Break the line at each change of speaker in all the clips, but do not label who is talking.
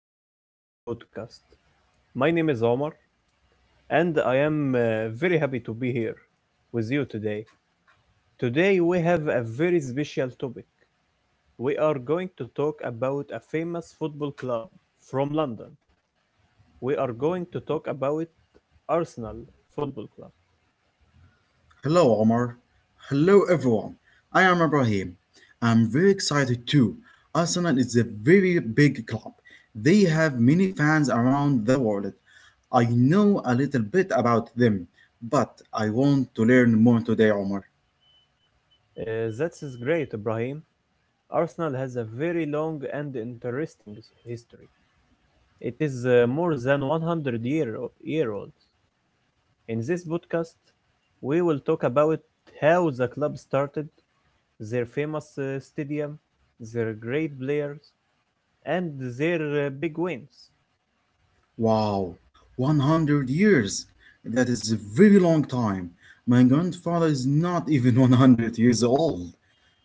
welcome to our podcast. My name is Omar and I am very happy to be here with you today. Today we have a very special topic. We are going to talk about a famous football club from London. We are going to talk about Arsenal Football Club.
Hello, Omar. Hello, everyone. I am Ibrahim. I'm very excited too. Arsenal is a very big club. They have many fans around the world. I know a little bit about them, but I want to learn more today, Omar.
That is great, Ibrahim. Arsenal has a very long and interesting history. It is more than 100 year old. In this podcast, we will talk about how the club started, their famous stadium, their great players, and their big wins.
Wow, 100 years. That is a very long time. My grandfather is not even 100 years old.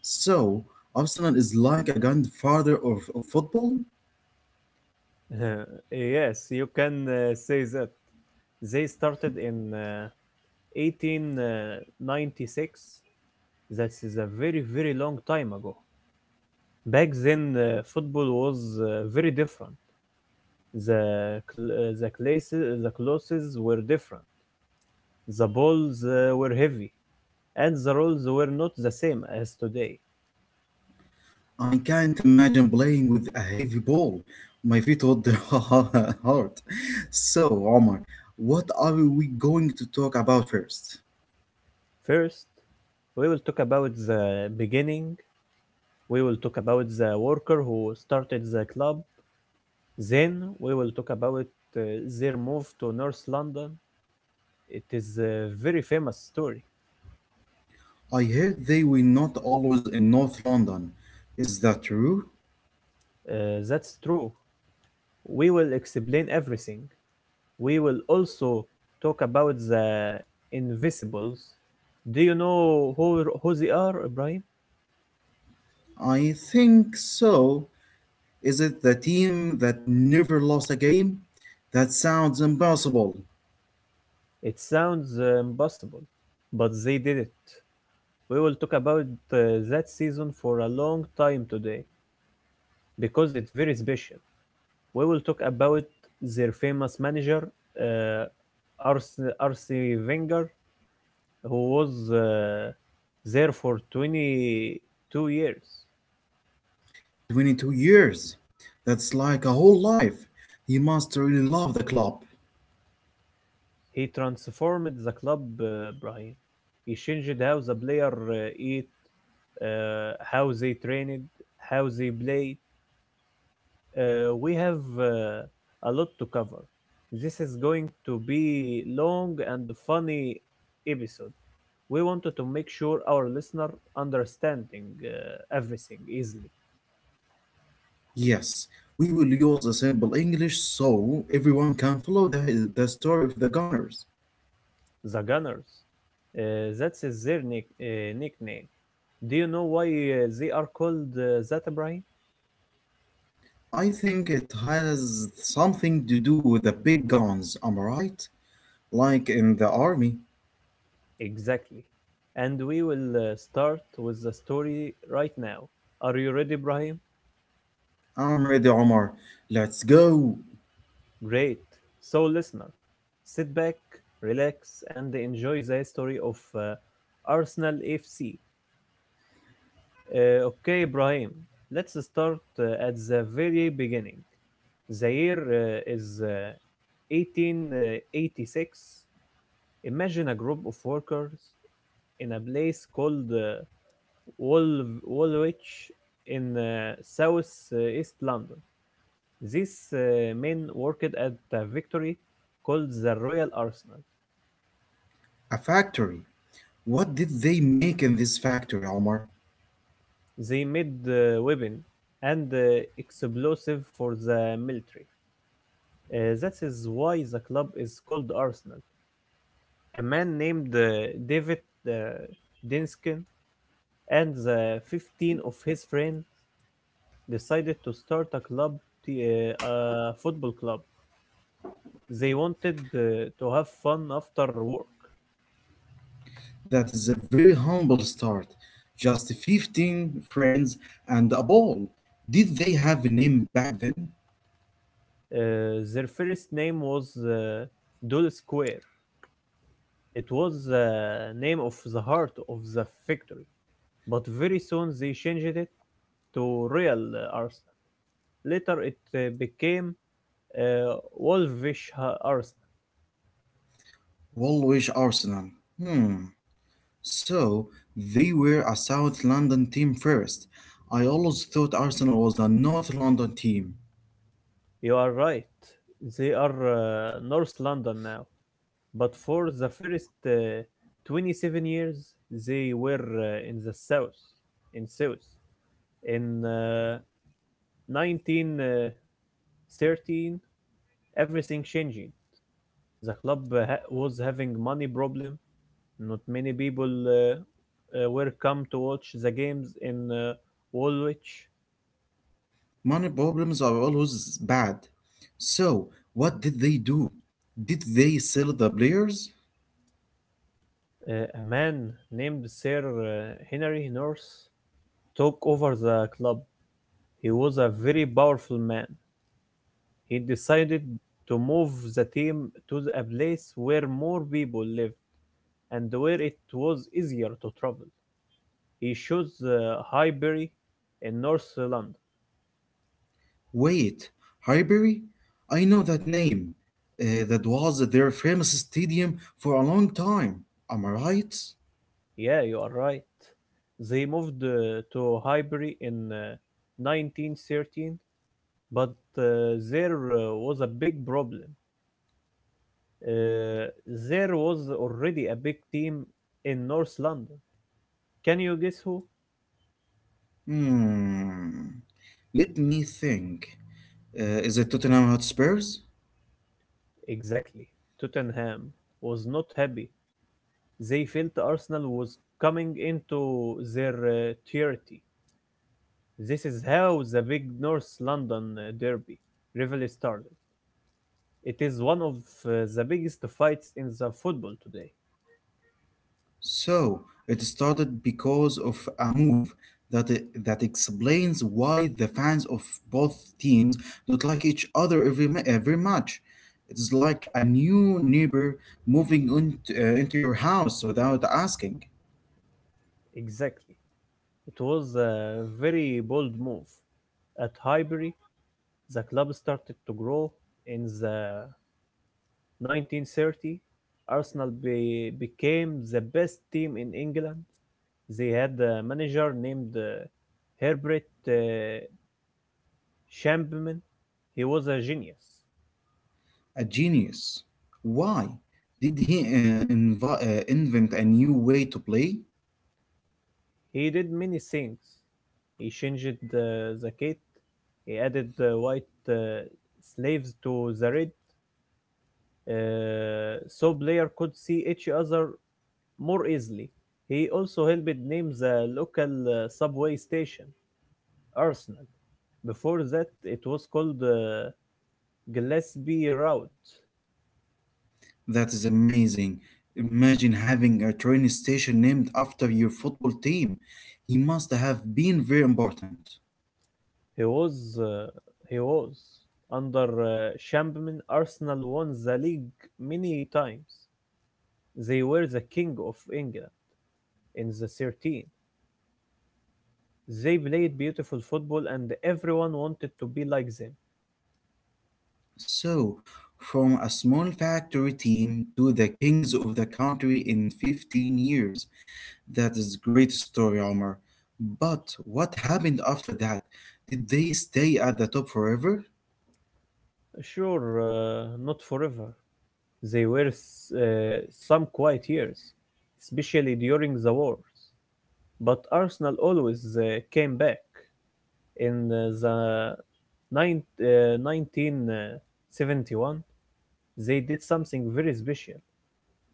So, Arsenal is like a grandfather of football?
Yes, you can say that. They started in 1896. That is a very, very long time ago. Back then, football was very different. The cl- the classes the clothes were different. The balls were heavy, and the rules were not the same as today.
I can't imagine playing with a heavy ball. My feet would hurt. So, Omar, what are we going to talk about first?
First, we will talk about the beginning. We will talk about the worker who started the club. Then we will talk about uh, their move to North London. It is a very famous story.
I heard they were not always in North London. Is that true?
That's true. We will explain everything. We will also talk about the invisibles. Do you know who they are, Ibrahim?
I think so. Is it the team that never lost a game? That sounds impossible.
It sounds impossible, but they did it. We will talk about uh, that season for a long time today because it's very special. We will talk about their famous manager, uh, Arsene Wenger, who was there for 22 years.
22 years. That's like a whole life. You must really love the club.
He transformed the club, Brian. He changed how the player eat, how they trained, how they played. We have a lot to cover. This is going to be long and funny episode. We wanted to make sure our listener understanding everything easily.
Yes, we will use a simple English so everyone can follow the story of the gunners.
The Gunners. That's is their nickname. Do you know why they are called that, Ibrahim?
I think it has something to do with the big guns, am I right? Like in the army.
Exactly. And we will start with the story right now. Are you ready, Ibrahim?
I'm ready, Omar. Let's go.
Great. So, listener, sit back, relax, and enjoy the story of Arsenal FC. Okay, Ibrahim, let's start at the very beginning. The year is 1886. Imagine a group of workers in a place called Woolwich in South East London. These men worked at a victory called the Royal Arsenal.
A factory. What did they make in this factory, Omar?
They made weapons and explosive for the military. That is why the club is called Arsenal. A man named David uh, Dinskin and the 15 of his friends decided to start a club, a football club. They wanted to have fun after work.
That is a very humble start. Just 15 friends and a ball. Did they have a name back then?
Their first name was Dole Square. It was the name of the heart of the factory, but very soon they changed it to Real Arsenal. Later, it became Wolverhampton.
Woolwich Arsenal. Hmm. So they were a South London team first. I always thought Arsenal was a North London team.
You are right. They are North London now, but for the first 27 years they were in the south. In south. In 1913, everything changing. The club was having money problem. Not many people were come to watch the games in Woolwich.
Money problems are always bad. So what did they do? Did they sell the players?
A man named Sir Henry North took over the club. He was a very powerful man. He decided to move the team to a place where more people lived and where it was easier to travel. He chose Highbury in North London.
Wait, Highbury? I know that name. That was their famous stadium for a long time. Am I right?
Yeah, you are right. They moved to Highbury in 1913, but there was a big problem. Uh, there was already a big team in North London. Can you guess who?
Hmm. Let me think. Is it Tottenham Hotspurs?
Exactly. Tottenham was not happy. They felt Arsenal was coming into their territory. This is how the big North London derby rivalry started. It is one of the biggest fights in the football today.
So it started because of a move that that explains why the fans of both teams don't like each other every every match. It's like a new neighbor moving into your house without asking.
Exactly. It was a very bold move. At Highbury, the club started to grow in the 1930s. Arsenal became the best team in England. They had a manager named Herbert uh, Champman. He was a genius.
A genius. Why did he invent a new way to play?
He did many things. He changed the kit. He added white uh, slaves to the red, so players could see each other more easily. He also helped name the local subway station Arsenal. Before that, it was called Gillespie Route.
That is amazing. Imagine having a train station named after your football team. He must have been very important.
He was uh, he was under Shampman. Arsenal won the league many times. They were the king of England in the 13. They played beautiful football and everyone wanted to be like them.
So, from a small factory team to the kings of the country in 15 years. That is great story, Omar. But what happened after that? Did they stay at the top forever?
Sure, not forever. They were some quiet years, especially during the wars. But Arsenal always came back. In 1971, they did something very special,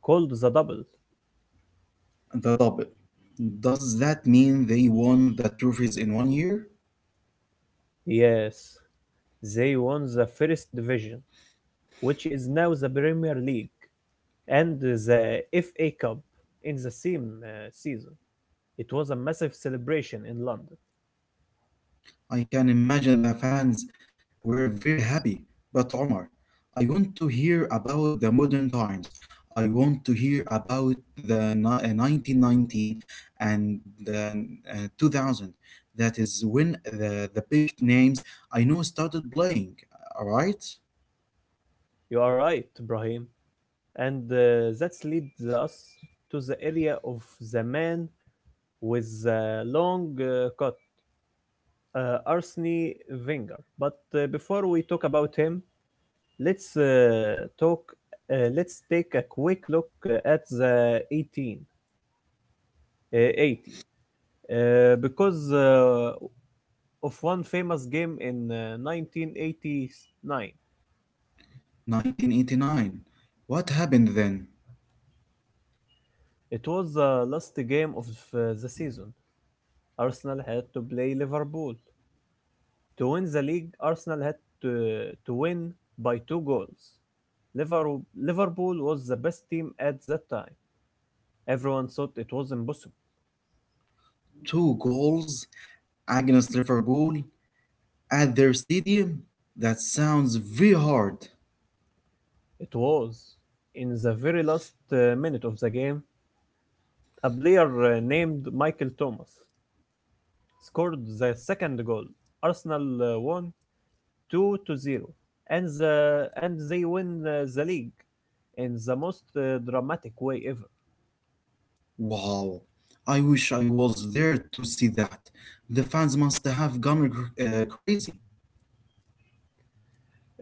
called the double.
The double. Does that mean they won the trophies in one year?
Yes, they won the First Division, which is now the Premier League, and the FA Cup in the same season. It was a massive celebration in London.
I can imagine the fans were very happy. But Omar, I want to hear about the modern times. I want to hear about the 1919 and the 2000. That is when the big names I know started playing. All right?
You are right, Brahim. And that leads us to the area of the man with a long cut, Arsene Wenger. But before we talk about him, let's talk. Let's take a quick look at the 18 80 because of one famous game in 1989.
1989. What happened then?
It was the last game of the season. Arsenal had to play Liverpool. To win the league, Arsenal had to win by two goals. Liverpool was the best team at that time. Everyone thought it was impossible.
Two goals against Liverpool at their stadium? That sounds very hard.
It was. In the very last minute of the game, a player named Michael Thomas scored the second goal. Arsenal won 2 to 0, and they win the league in the most dramatic way ever.
Wow, I wish I was there to see that. The fans must have gone crazy.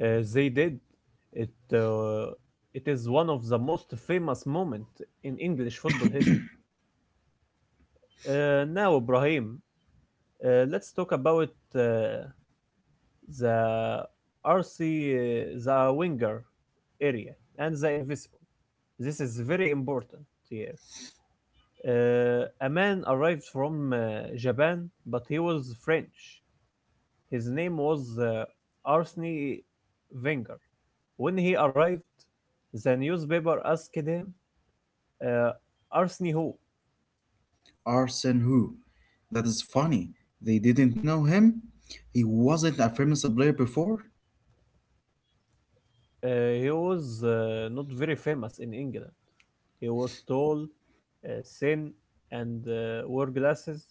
They did. It uh, it is one of the most famous moment in English football history. Now, Ibrahim, let's talk about uh, the RC, the winger area, and the invisible. This is very important here. A man arrived from Japan, but he was French. His name was Arsene Wenger. When he arrived, the newspaper asked him, uh, Arsene who?
Arsene who? That is funny. They didn't know him? He wasn't a famous player before?
Uh, he was not very famous in England. He was tall, uh, thin, and wore glasses.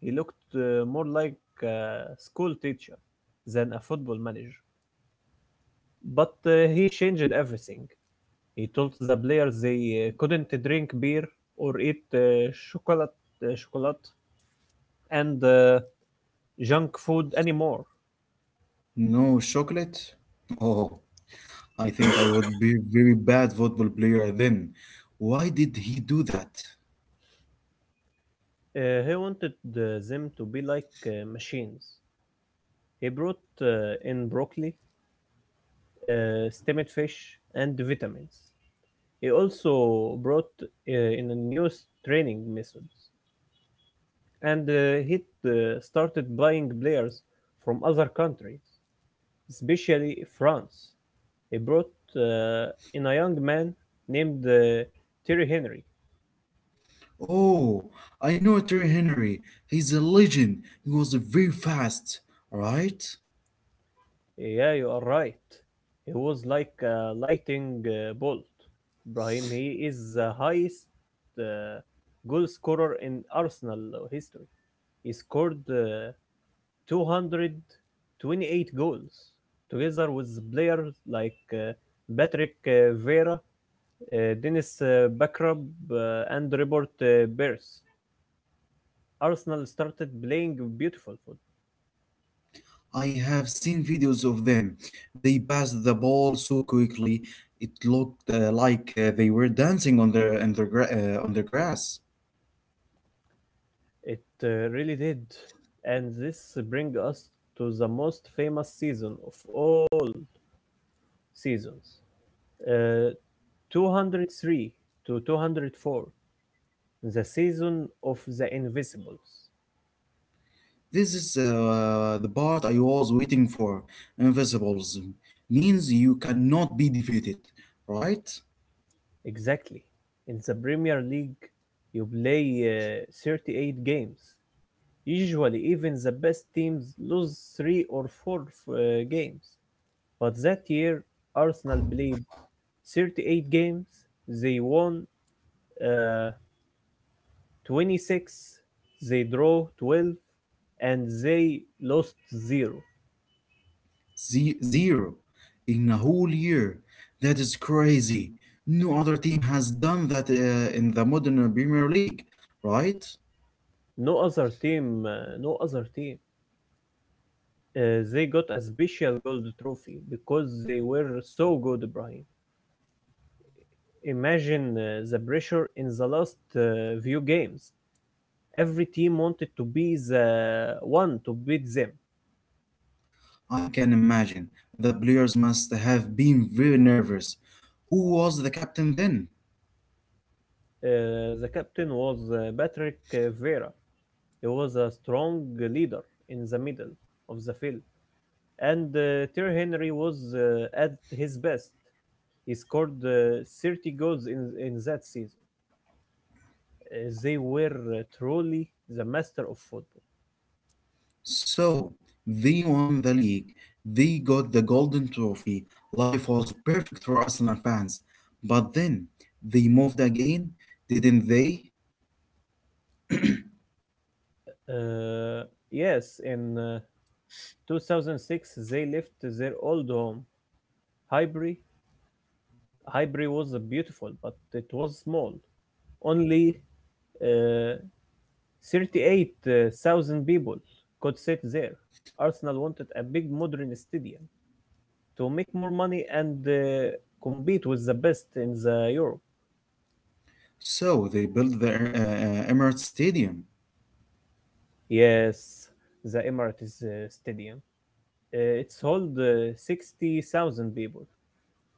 He looked more like a school teacher than a football manager. But he changed everything. He told the players they couldn't drink beer or eat chocolate and junk food anymore.
No chocolate? Oh, I think I would be very bad football player then. Why did he do that?
He wanted them to be like machines. He brought in broccoli, steamed fish, and vitamins. He also brought in a new training methods, and he started buying players from other countries, especially France. He brought uh, in a young man named Thierry Henry.
Oh, I know Terry Henry. He's a legend. He was very fast, right?
Yeah, you are right. He was like a lightning bolt. Brahim, he is the highest uh, goal scorer in Arsenal history. He scored 228 goals, together with players like Patrick Vieira, Dennis Bergkamp, and Robert Beers. Arsenal started playing beautiful football.
I have seen videos of them. They passed the ball so quickly, it looked like they were dancing on the on the grass.
It really did, and this brings us to the most famous season of all seasons, uh, 203 to 204, the season of the Invisibles.
This is the part I was waiting for. Invisibles means you cannot be defeated, right?
Exactly. In the Premier League, you play 38 games. Usually, even the best teams lose three or four games. But that year, Arsenal played 38 games. They won Uh, 26, they draw 12, and they lost 0.
Zero in a whole year. That is crazy. No other team has done that in the modern Premier League, right?
No other team, no other team. They got a special gold trophy because they were so good, Brian. Imagine the pressure in the last few games. Every team wanted to be the one to beat them.
I can imagine. The players must have been very nervous. Who was the captain then?
The captain was Patrick Vera. He was a strong leader in the middle of the field, and Thierry Henry was at his best. He scored 30 goals in that season. They were truly the master of football.
So, they won the league. They got the golden trophy. Life was perfect for Arsenal fans. But then, they moved again, didn't they?
Uh, yes, in 2006 they left their old home, Highbury. Highbury was beautiful, but it was small. Only uh, 38,000 people could sit there. Arsenal wanted a big modern stadium to make more money and compete with the best in the Europe.
So, they built the Emirates Stadium.
Yes, the Emirates Stadium. It's hold 60,000 people.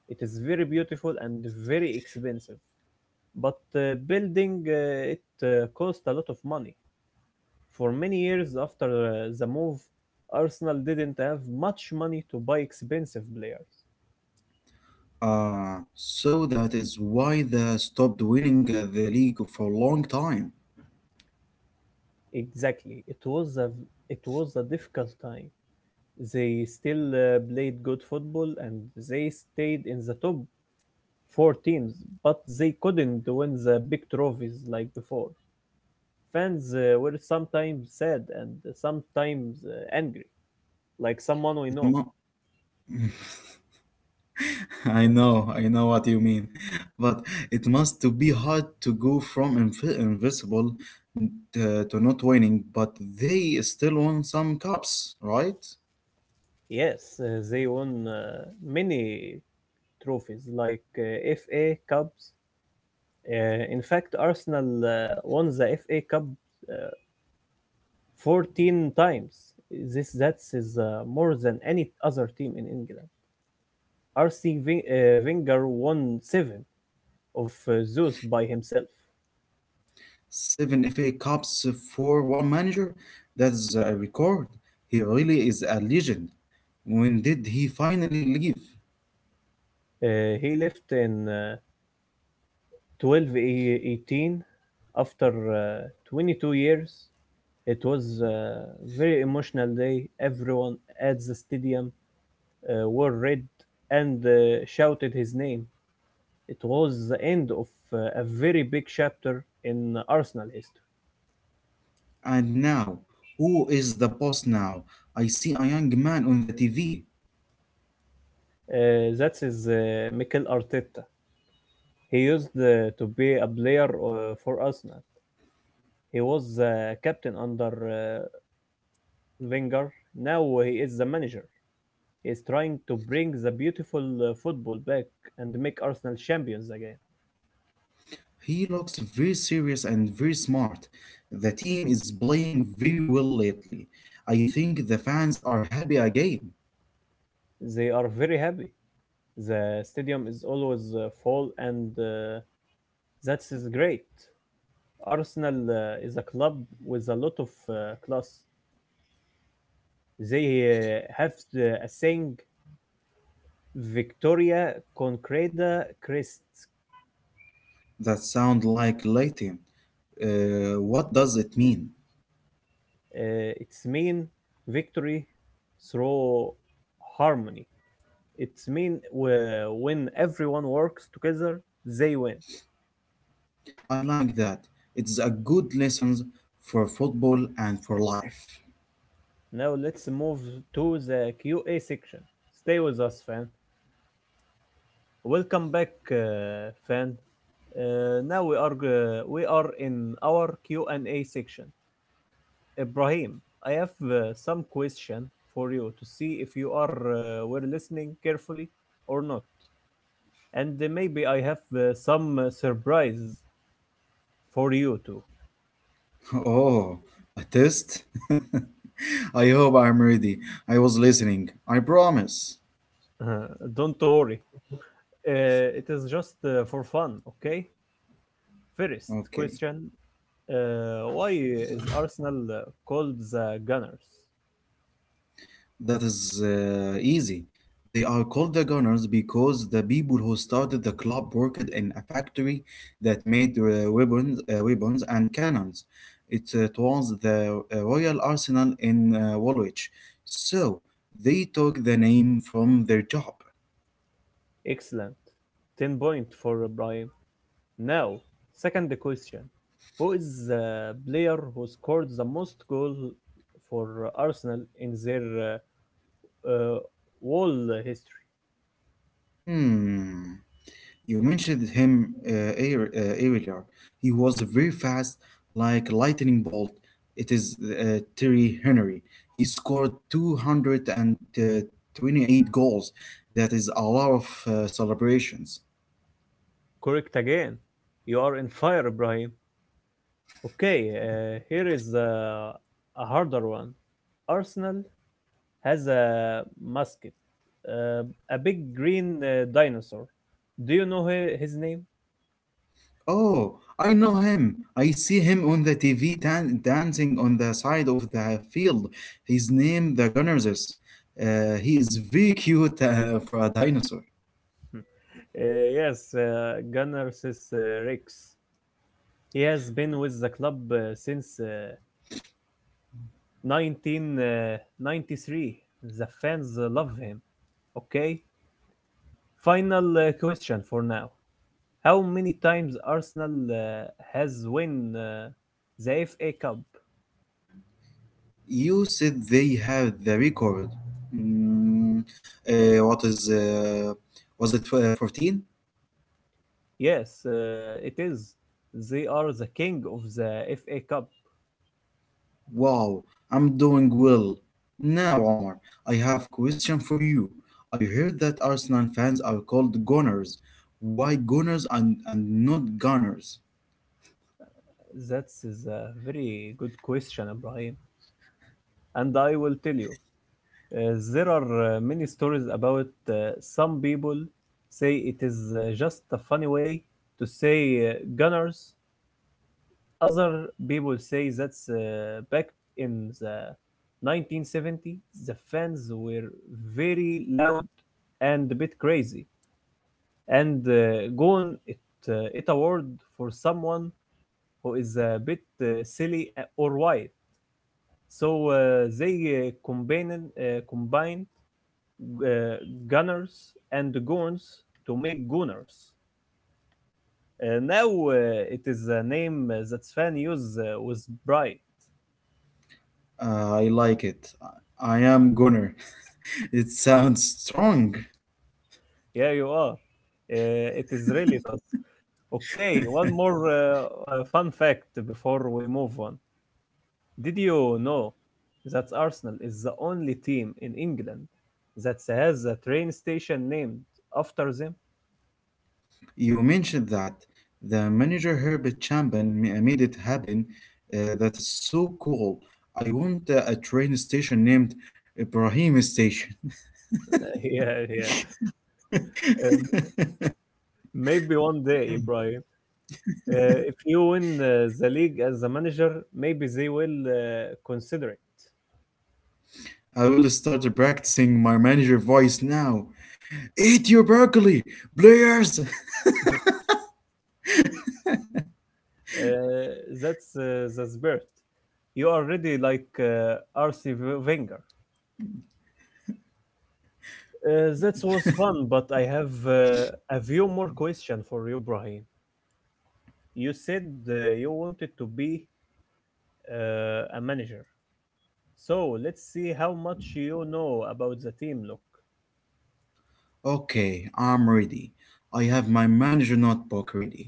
It is very beautiful and very expensive. But building it cost a lot of money. For many years after the move, Arsenal didn't have much money to buy expensive players.
So that is why they stopped winning the league for a long time.
Exactly. It was a difficult time. They still played good football and they stayed in the top four teams, but they couldn't win the big trophies like before. Fans were sometimes sad and sometimes angry, like someone we
It
know.
mu- I
Uh,
know, I know what you mean, but it must to be hard to go from invisible to not winning, but they still won some cups, right?
Yes, they won many trophies like FA Cups. In fact, Arsenal won the FA Cup uh, 14 times. This that is more than any other team in England. RC Wenger won seven of those by himself.
Seven FA Cups for one manager? That's a record. He really is a legend. When did he finally leave?
He left in 12 18 after 22 years. It was a very emotional day. Everyone at the stadium wore red and shouted his name. It was the end of a very big chapter in Arsenal history.
And now, who is the boss now? I see a young man on the TV.
That is Mikel Arteta. He used to be a player for Arsenal. He was captain under Wenger. Now he is the manager. He is trying to bring the beautiful football back and make Arsenal champions again.
He looks very serious and very smart. The team is playing very well lately. I think the fans are happy again.
They are very happy. The stadium is always full, and that is great. Arsenal is a club with a lot of class. They have a saying Victoria Concreta crest.
That sounds like Latin. What does it mean?
Its mean victory through harmony. It's mean when everyone works together, they win.
I like that. It's a good lesson for football and for life.
Now let's move to the QA section. Stay with us, fan. Welcome back, fan. Now we are in our Q&A section. Ibrahim, I have some question for you to see if you are were listening carefully or not, and maybe I have some surprise for you too.
Oh, a test? I hope I'm ready. I was listening. I promise.
Uh, don't worry, it is just for fun, okay? First
Okay.
question: why is Arsenal called the Gunners?
That is easy. They are called the Gunners because the people who started the club worked in a factory that made weapons and cannons. It was the Royal Arsenal in Woolwich. So they took the name from their job.
Excellent, 10 point for Ibrahim. Now, second question: who is the player who scored the most goals for Arsenal in their uh, uh, whole history?
Hmm. You mentioned him earlier. He was very fast, like lightning bolt. It is Terry Henry. He scored 228 goals. That is a lot of celebrations.
Correct again. You are in fire, Ibrahim. Okay, here is a harder one. Arsenal has a mascot, uh, a big green dinosaur. Do you know his name?
Oh, I know him. I see him on the TV dancing on the side of the field. His name, the Gunners. He is very cute for a dinosaur.
Yes, Gunnar says, Rex. He has been with the club since 1993. The fans love him. Okay. Final question for now. How many times Arsenal has won the FA Cup?
You said they have the record. Mm, what is Was it 14?
Yes, it is. They are the king of the FA Cup.
Wow, I'm doing well. Now, Omar, I have question for you. I heard that Arsenal fans are called Gunners. Why Gunners and not Gunners?
That is a very good question, Ibrahim. And I will tell you, there are many stories about some people say it is just a funny way to say Gunners. Other people say that back in the 1970s, the fans were very loud and a bit crazy, and gone it, it award for someone who is a bit silly or wild. So they combined uh, gunners and goons to make gunners. Now it is a name that fans use with pride.
I like it. I am Gunner. It sounds strong.
Yeah, you are. It is really does. Okay, one more fun fact before we move on. Did you know that Arsenal is the only team in England that has a train station named after them?
You mentioned that the manager Herbert Chapman made it happen. That is so cool. I want a train station named Ibrahim Station.
Yeah, yeah. Um, Maybe one day, Ibrahim. If you win the league as a manager, maybe they will consider it.
I will start practicing my manager voice now. Eat your broccoli, players!
Uh, that's the spirit. You are already like RC Wenger. That was fun, but I have a few more questions for you, Brahim. You said you wanted to be a manager, so let's see how much you know about the team. Look,
Okay, I'm ready. I have my manager notebook ready.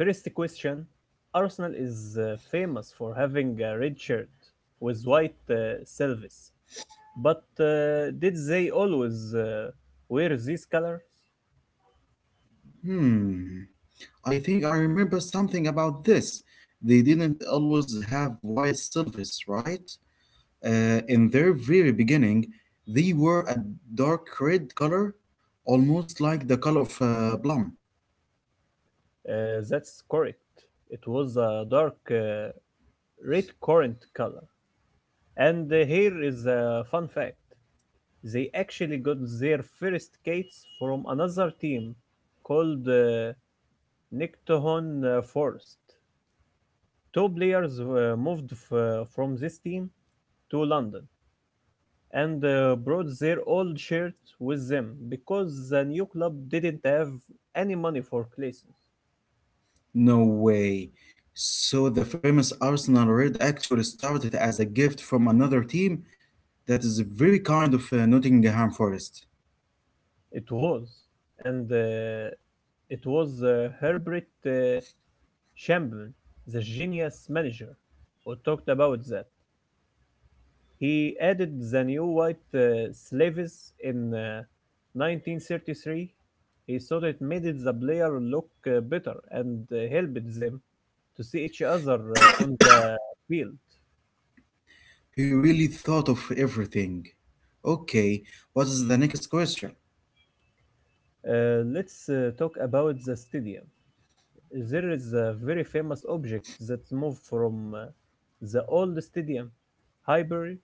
first question: Arsenal is famous for having a red shirt with white service, but did they always wear these colors?
Hmm, I think I remember something about this. They didn't always have white silvers, right? In their very beginning, they were a dark red color, almost like the color of plum.
That's correct. It was a dark red currant color. And here is a fun fact. They actually got their first skates from another team called Nictohon Forest. Two players moved from this team to London and brought their old shirts with them because the new club didn't have any money for classes.
No way. So the famous Arsenal Red actually started as a gift from another team. That is very kind of Nottingham Forest.
It was, and it was Herbert Shambman, the genius manager, who talked about that. He added the new white sleeves in 1933. He thought it made the player look better and helped them to see each other on the field.
He really thought of everything. Okay, what is the next question?
Let's talk about the stadium. There is a very famous object that moved from the old stadium, Highbury,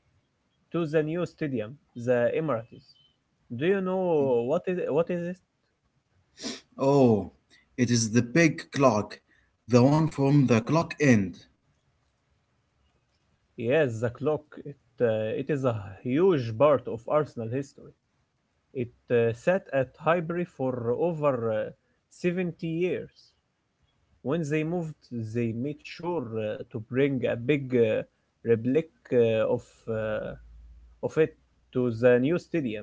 to the new stadium, the Emirates. Do you know what is it?
Oh, it is the big clock, the one from the clock end.
Yes, the clock. It is a huge part of Arsenal history. It sat at Highbury for over uh, 70 years. When they moved, they made sure to bring a big replica uh, of, uh, of it to the new stadium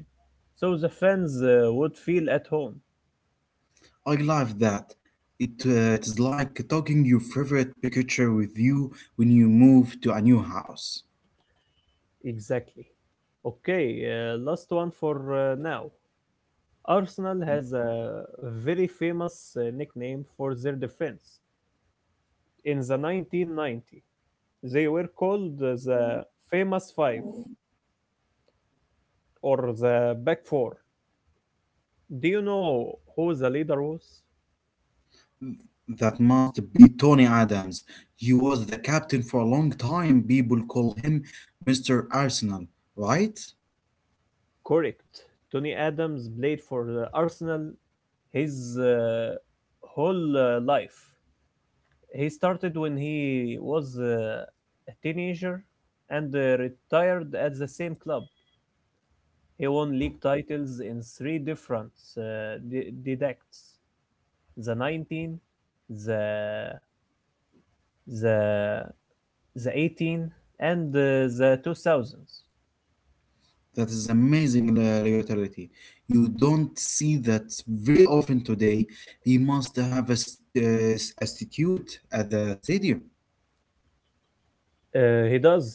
so the fans would feel at home.
I love that. It is like taking your favorite picture with you when you move to a new house.
Exactly. Okay, last one for now. Arsenal has a very famous nickname for their defense in the 1990. They were called the Famous Five or the Back Four. Do you know who the leader was?
Mm, that must be Tony Adams. He was the captain for a long time. People call him Mr. Arsenal, right?
Correct. Tony Adams played for the Arsenal his whole life. He started when he was a teenager and retired at the same club. He won league titles in three different decades: the 19, the the the 18 and the 2000s.
That is amazing loyalty. You don't see that very often today. He must have a statue at the stadium.
He does.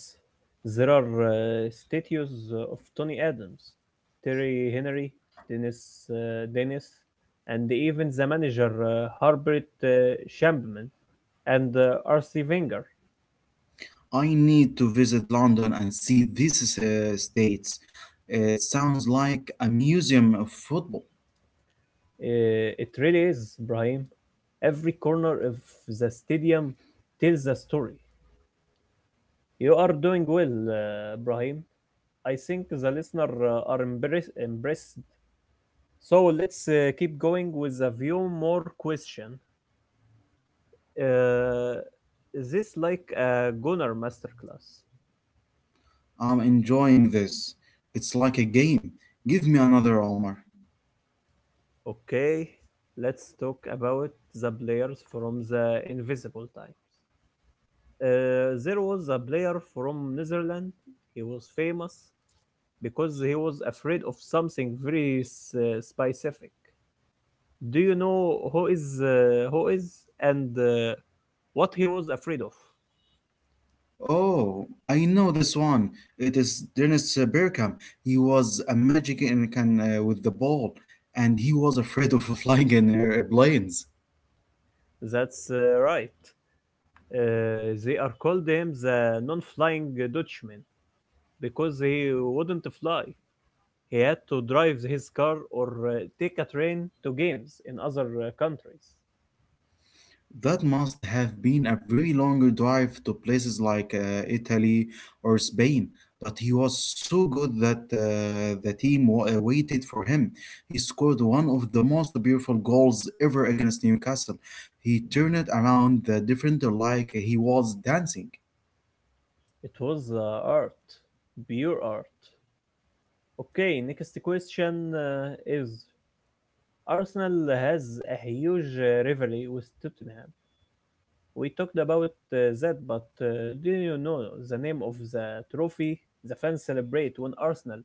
There are statues of Tony Adams, Terry Henry, Dennis, Dennis, and even the manager Herbert Shampman and R.C. Wenger.
I need to visit London and see these states. It sounds like a museum of football.
Uh, it really is, Brahim. Every corner of the stadium tells a story. You are doing well, Brahim. I think the listeners. So let's keep going with a few more question. Uh, Is this like a Gunnar masterclass?
I'm enjoying this. It's like a game. Give me another, Omar.
Okay, let's talk about the players from the Invisible Time. There was a player from Netherlands. He was famous because he was afraid of something very specific. Do you know who is and what he was afraid of?
Oh, I know this one. It is Dennis Bergkamp. He was a magic in can with the ball, and he was afraid of flying in planes.
That's right. They are called him the non-flying Dutchman because he wouldn't fly. He had to drive his car or take a train to games in other countries.
That must have been a very long drive to places like Italy or Spain, but he was so good that the team waited for him. He scored one of the most beautiful goals ever against Newcastle. He turned it around the defender like he was dancing.
It was art, pure art. Okay, next question is Arsenal has a huge rivalry with Tottenham. We talked about that, but do you know the name of the trophy the fans celebrate when Arsenal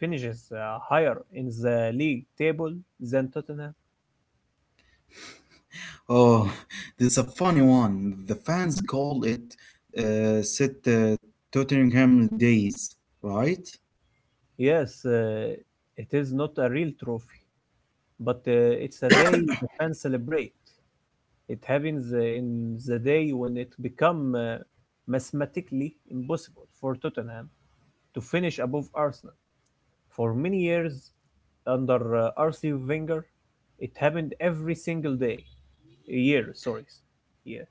finishes higher in the league table than Tottenham?
Oh, this is a funny one. The fans call it "Set Tottenham Days," right?
Yes, it is not a real trophy, but it's a day the fans celebrate. It happens in the day when it become mathematically impossible for Tottenham to finish above Arsenal. For many years under RC Wenger, it happened every single day, year, sorry, yeah.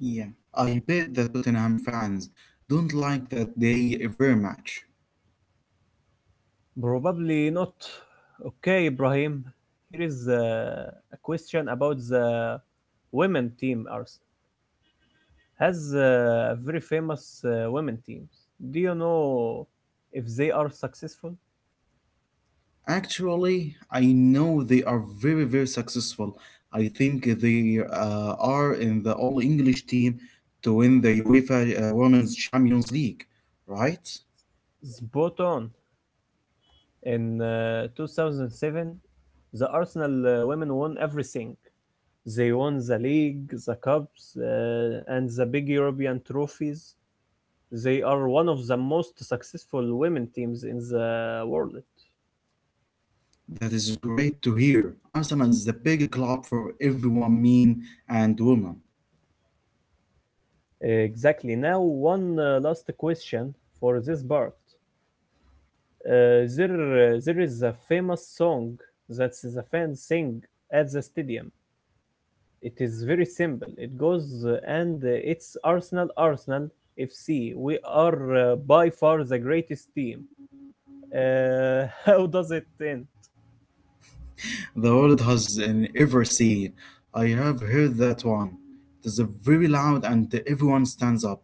Yeah, I bet the Tottenham fans don't like that they very much.
Probably not. Okay, Ibrahim. Here is a question about the women team. Ars has a very famous women teams. Do you know if they are successful?
Actually, I know they are very, very successful. I think they are in the All English team to win the UEFA Women's Champions League, right?
Spot on. In 2007, the Arsenal women won everything. They won the league, the cups, and the big European trophies. They are one of the most successful women teams in the world.
That is great to hear. Arsenal is the big club for everyone, men and women.
Exactly. Now, one last question for this part. There is a famous song that the fans sing at the stadium. It is very simple. It goes and it's Arsenal, Arsenal FC. We are by far the greatest team. How does it end?
The world has an ever seen. I have heard that one. It is very loud and everyone stands up.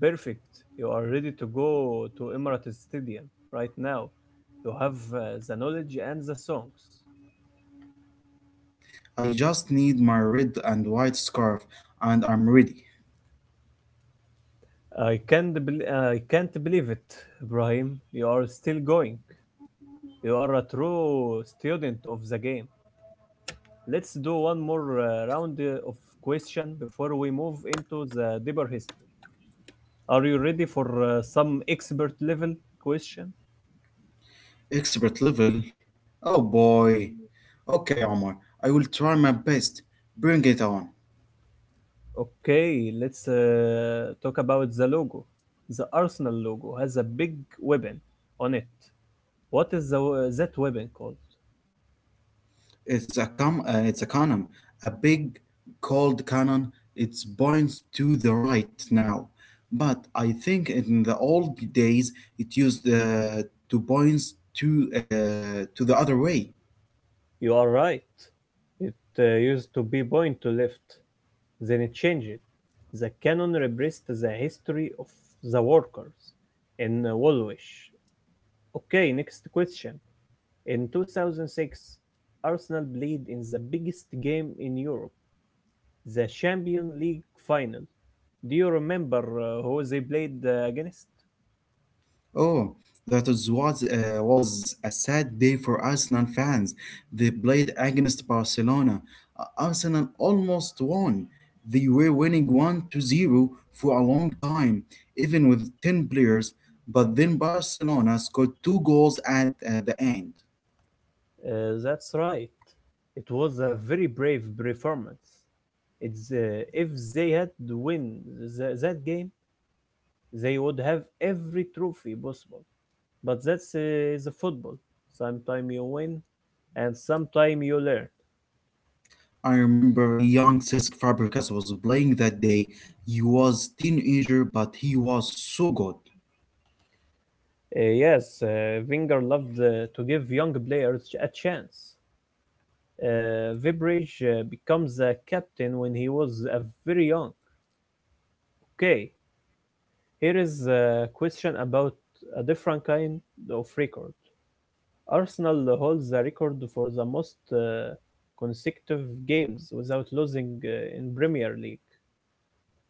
Perfect. You are ready to go to Emirates Stadium right now. You have the knowledge and the songs.
I just need my red and white scarf and I'm ready.
I can't bel I can't believe it, Ibrahim. You are still going. You are a true student of the game. Let's do one more round of question before we move into the deeper history. Are you ready for some expert level question?
Expert level? Oh boy. Okay, Omar. I will try my best. Bring it on.
Okay, let's talk about the logo. The Arsenal logo has a big weapon on it. What is that weapon called?
It's a cannon, a big cold cannon. It points to the right now, but I think in the old days it used to points to the other way.
You are right. It used to be point to left. Then it changed. The canon repressed the history of the workers in Woolwich. Okay, next question. In 2006, Arsenal played in the biggest game in Europe, the Champions League final. Do you remember who they played against?
Oh, that is was a sad day for Arsenal fans. They played against Barcelona. Arsenal almost won. They were winning 1 to 0 for a long time, even with 10 players, but then Barcelona scored two goals at the end.
That's right. It was a very brave performance. If they had won that game, they would have every trophy possible. But that's the football. Sometimes you win, and sometimes you learn.
I remember young Cesc Fabregas was playing that day. He was teenager, but he was so good.
Yes, Wenger loved to give young players a chance. Vibridge becomes a captain when he was very young. Okay, here is a question about a different kind of record. Arsenal holds a record for the most consecutive games without losing in Premier League.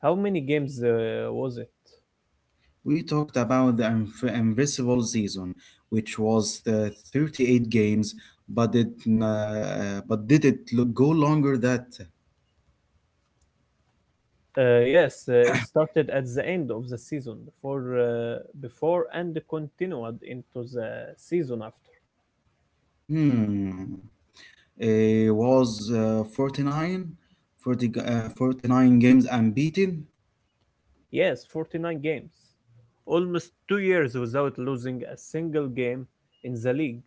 How many games was it?
We talked about the invisible season, which was the 38 games, but it but did it look go longer that.
Yes, it started at the end of the season before and continued into the season after.
Hmm, it was 49 49 games unbeaten.
Yes, 49 games. Almost 2 years without losing a single game in the league.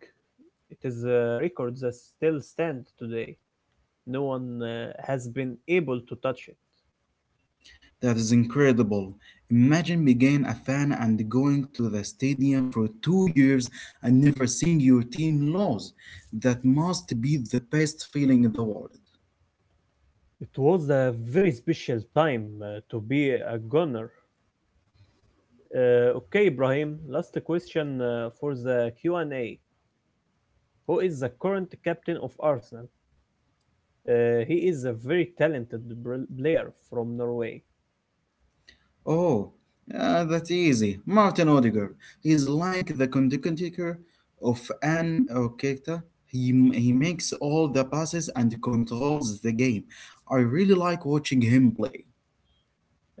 It is a record that still stands today. No one has been able to touch it.
That is incredible. Imagine being a fan and going to the stadium for 2 years and never seeing your team lose. That must be the best feeling in the world.
It was a very special time to be a gunner. Okay, Ibrahim, last question for the Q&A. Who is the current captain of Arsenal? He is a very talented player from Norway.
Oh, yeah, that's easy. Martin Odegaard. He's like the conductor of an orchestra. He makes all the passes and controls the game. I really like watching him play.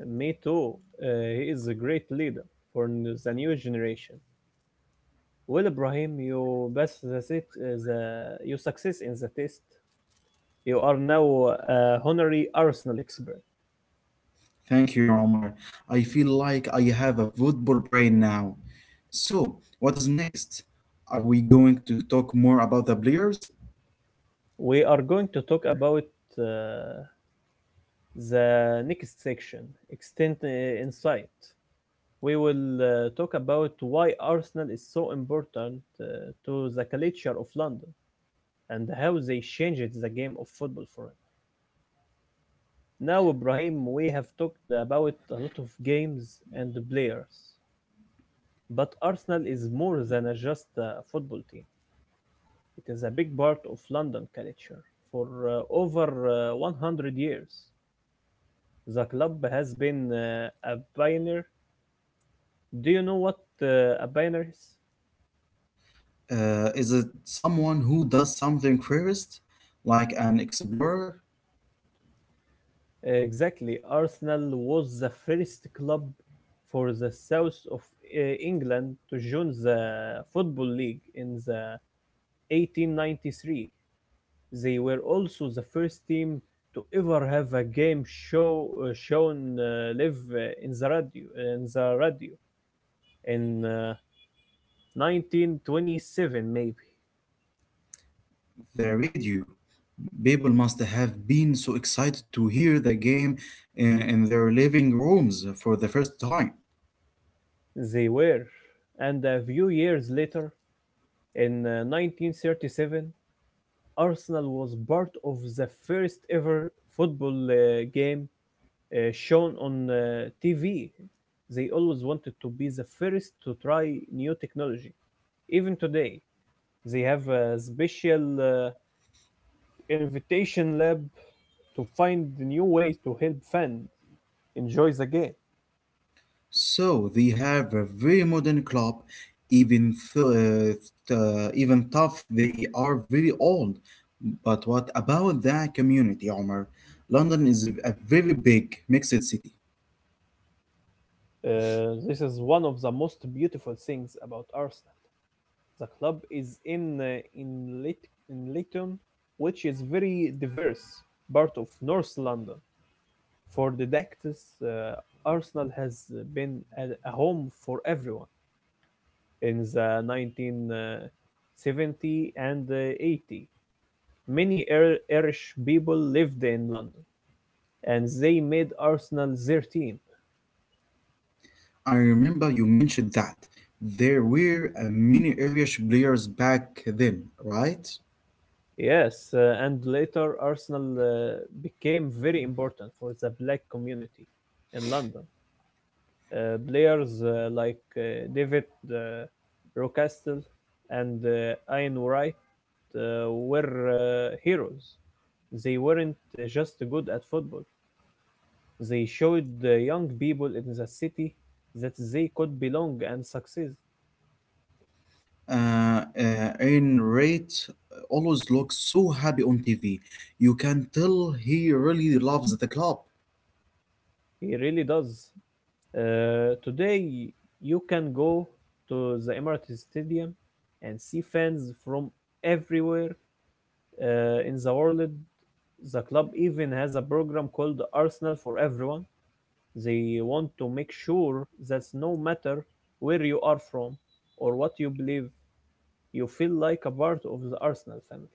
Me too. Uh, he is a great leader for the new generation. Well, Ibrahim, you best that's it. You success in the test. You are now a honorary Arsenal expert.
Thank you, Omar. I feel like I have a football brain now. So, what is next? Are we going to talk more about the players?
We are going to talk about uh, the next section, extent insight. We will talk about why Arsenal is so important to the culture of London and how they changed the game of football forever. Now, Ibrahim, we have talked about a lot of games and players, but Arsenal is more than a just a football team. It is a big part of London culture. For over 100 years, the club has been a pioneer. Do you know what a pioneer is?
Is it someone who does something first, like an explorer?
Exactly. Arsenal was the first club for the south of England to join the Football League in the 1893. They were also the first team to ever have a game shown live in the radio in 1927 maybe.
The radio. People must have been so excited to hear the game in their living rooms for the first time.
They were, and a few years later in 1937 Arsenal was part of the first ever football game shown on TV. They always wanted to be the first to try new technology. Even today, they have a special invitation lab to find new ways to help fans enjoy the game.
So they have a very modern club, even even tough they are very old. But what about the community, Omar? London is a very big mixed city.
This is one of the most beautiful things about Arsenal. The club is in in Leighton, which is very diverse part of North London. For the Dactys, Arsenal has been a home for everyone in the 1970 and 80. Many Irish people lived in London and they made Arsenal their team.
I remember you mentioned that there were many Irish players back then, right?
Yes, and later Arsenal became very important for the black community in London. Players like David uh, Rocastle and Ian Wright were heroes. They weren't just good at football. They showed the young people in the city that they could belong and succeed.
Ayn Rand always looks so happy on TV. You can tell he really loves the club,
He really does. Today, you can go to the Emirates Stadium and see fans from everywhere in the world. The club even has a program called Arsenal for Everyone. They want to make sure that no matter where you are from or what you believe, you feel like a part of the Arsenal family.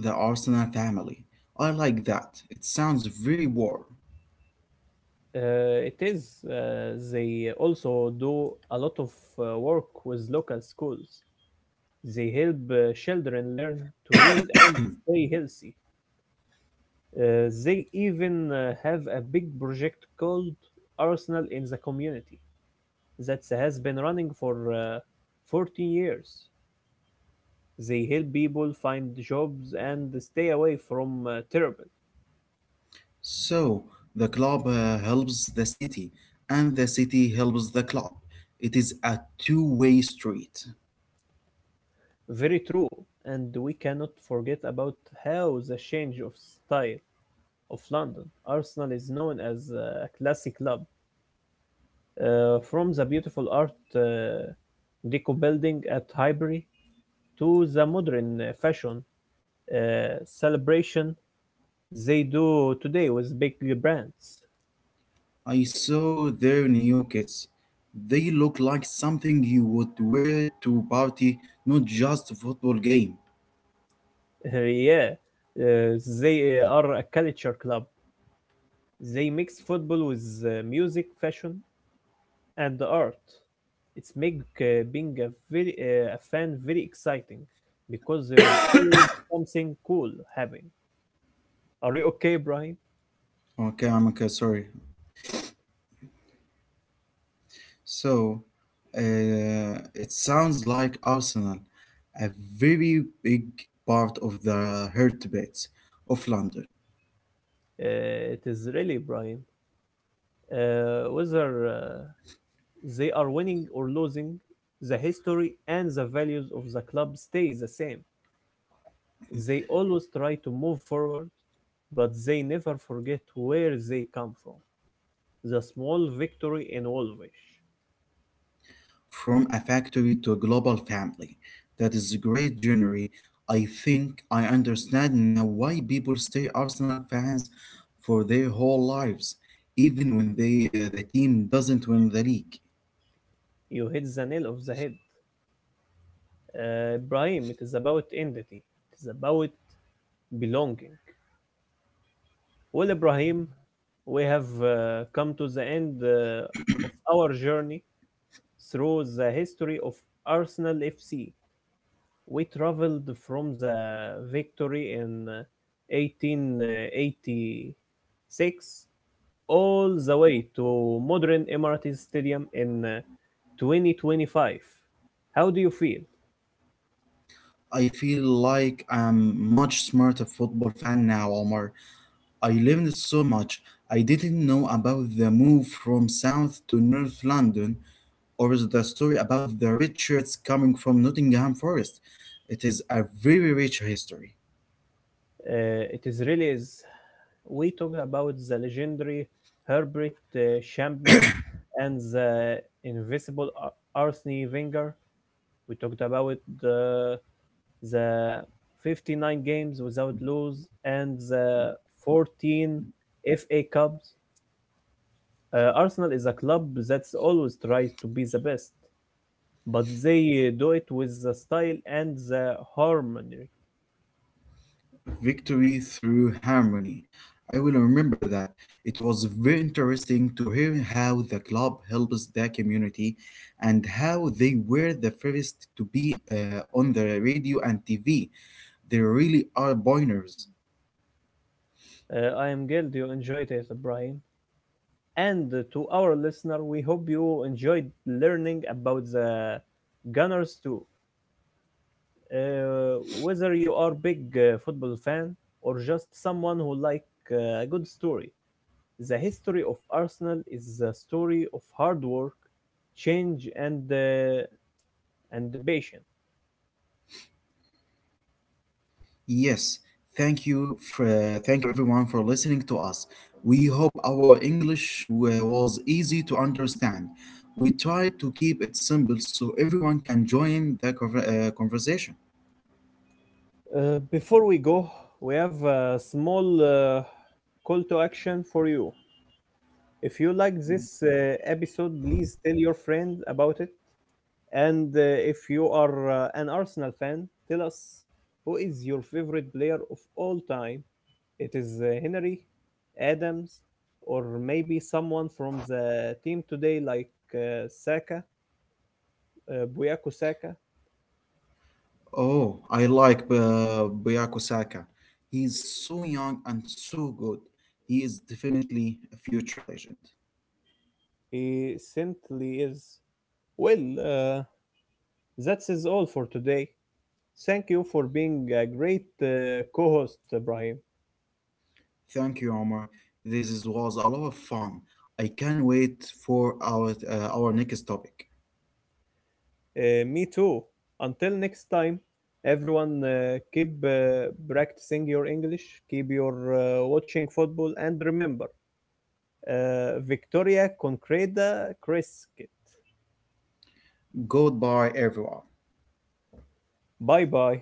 the Arsenal family. I like that. It sounds very warm.
It is. They also do a lot of work with local schools. They help children learn to read and stay healthy. They even have a big project called Arsenal in the Community that has been running for 14 years. They help people find jobs and stay away from terrorism.
So, the club helps the city, and the city helps the club. It is a two-way street.
Very true, and we cannot forget about how the change of style of London. Arsenal is known as a classic club, from the beautiful art uh, deco building at Highbury to the modern fashion celebration they do today with big brands.
I saw their new kits. They look like something you would wear to a party, not just a football game.
Yeah, they are a culture club. They mix football with music, fashion, and art. It's make being a very a fan very exciting because there is always something cool happening. Are you okay, Brian?
Okay, I'm okay, sorry. So, it sounds like Arsenal, a very big part of the heartbeats of London,
It is really, Brian. Whether they are winning or losing, the history and the values of the club stay the same. They always try to move forward, but they never forget where they come from. The small victory in Wolfish.
from a factory to a global family. That is a great journey. I think I understand now why people stay Arsenal fans for their whole lives, even when they the team doesn't win the league.
You hit the nail of the head. Ibrahim, it is about identity. It is about belonging. Well, Ibrahim, we have come to the end of our journey through the history of Arsenal FC. We traveled from the victory in 1886 all the way to modern Emirates Stadium in 2025. How do you feel?
I feel like I'm much smarter football fan now, Omar. I learned so much I didn't know about the move from South to North London or the story about the Richards coming from Nottingham Forest. It is a very rich history.
It is really is. We talked about the legendary Herbert Champman and the invisible Arsene Wenger. We talked about the the 59 games without lose and the 14 FA Cups. Arsenal is a club that's always tries to be the best, but they do it with the style and the harmony.
Victory through harmony. I will remember that. It was very interesting to hear how the club helps the community and how they were the first to be on the radio and TV. They really are pioneers.
I am glad you enjoyed it, Brian. And to our listener, we hope you enjoyed learning about the Gunners too. Whether you are a big football fan or just someone who likes a good story, the history of Arsenal is the story of hard work, change, and patience.
Yes, thank you everyone for listening to us. We hope our English was easy to understand. We tried to keep it simple so everyone can join the conversation.
Before we go, we have a small call to action for you. If you like this episode, please tell your friend about it. And if you are an Arsenal fan, tell us who is your favorite player of all time. It is Henry, Adams, or maybe someone from the team today, like Saka, Buyako Saka.
Oh, I like Byaku Saka. He's so young and so good. He is definitely a future legend.
He simply is. Well, uh, that is all for today. Thank you for being a great co-host, Ibrahim.
Thank you, Omar. Was a lot of fun. I can't wait for our next topic.
Me too. Until next time, everyone, keep practicing your English, keep your watching football, and remember, Victoria Concreta Crescit.
Goodbye, everyone.
Bye bye.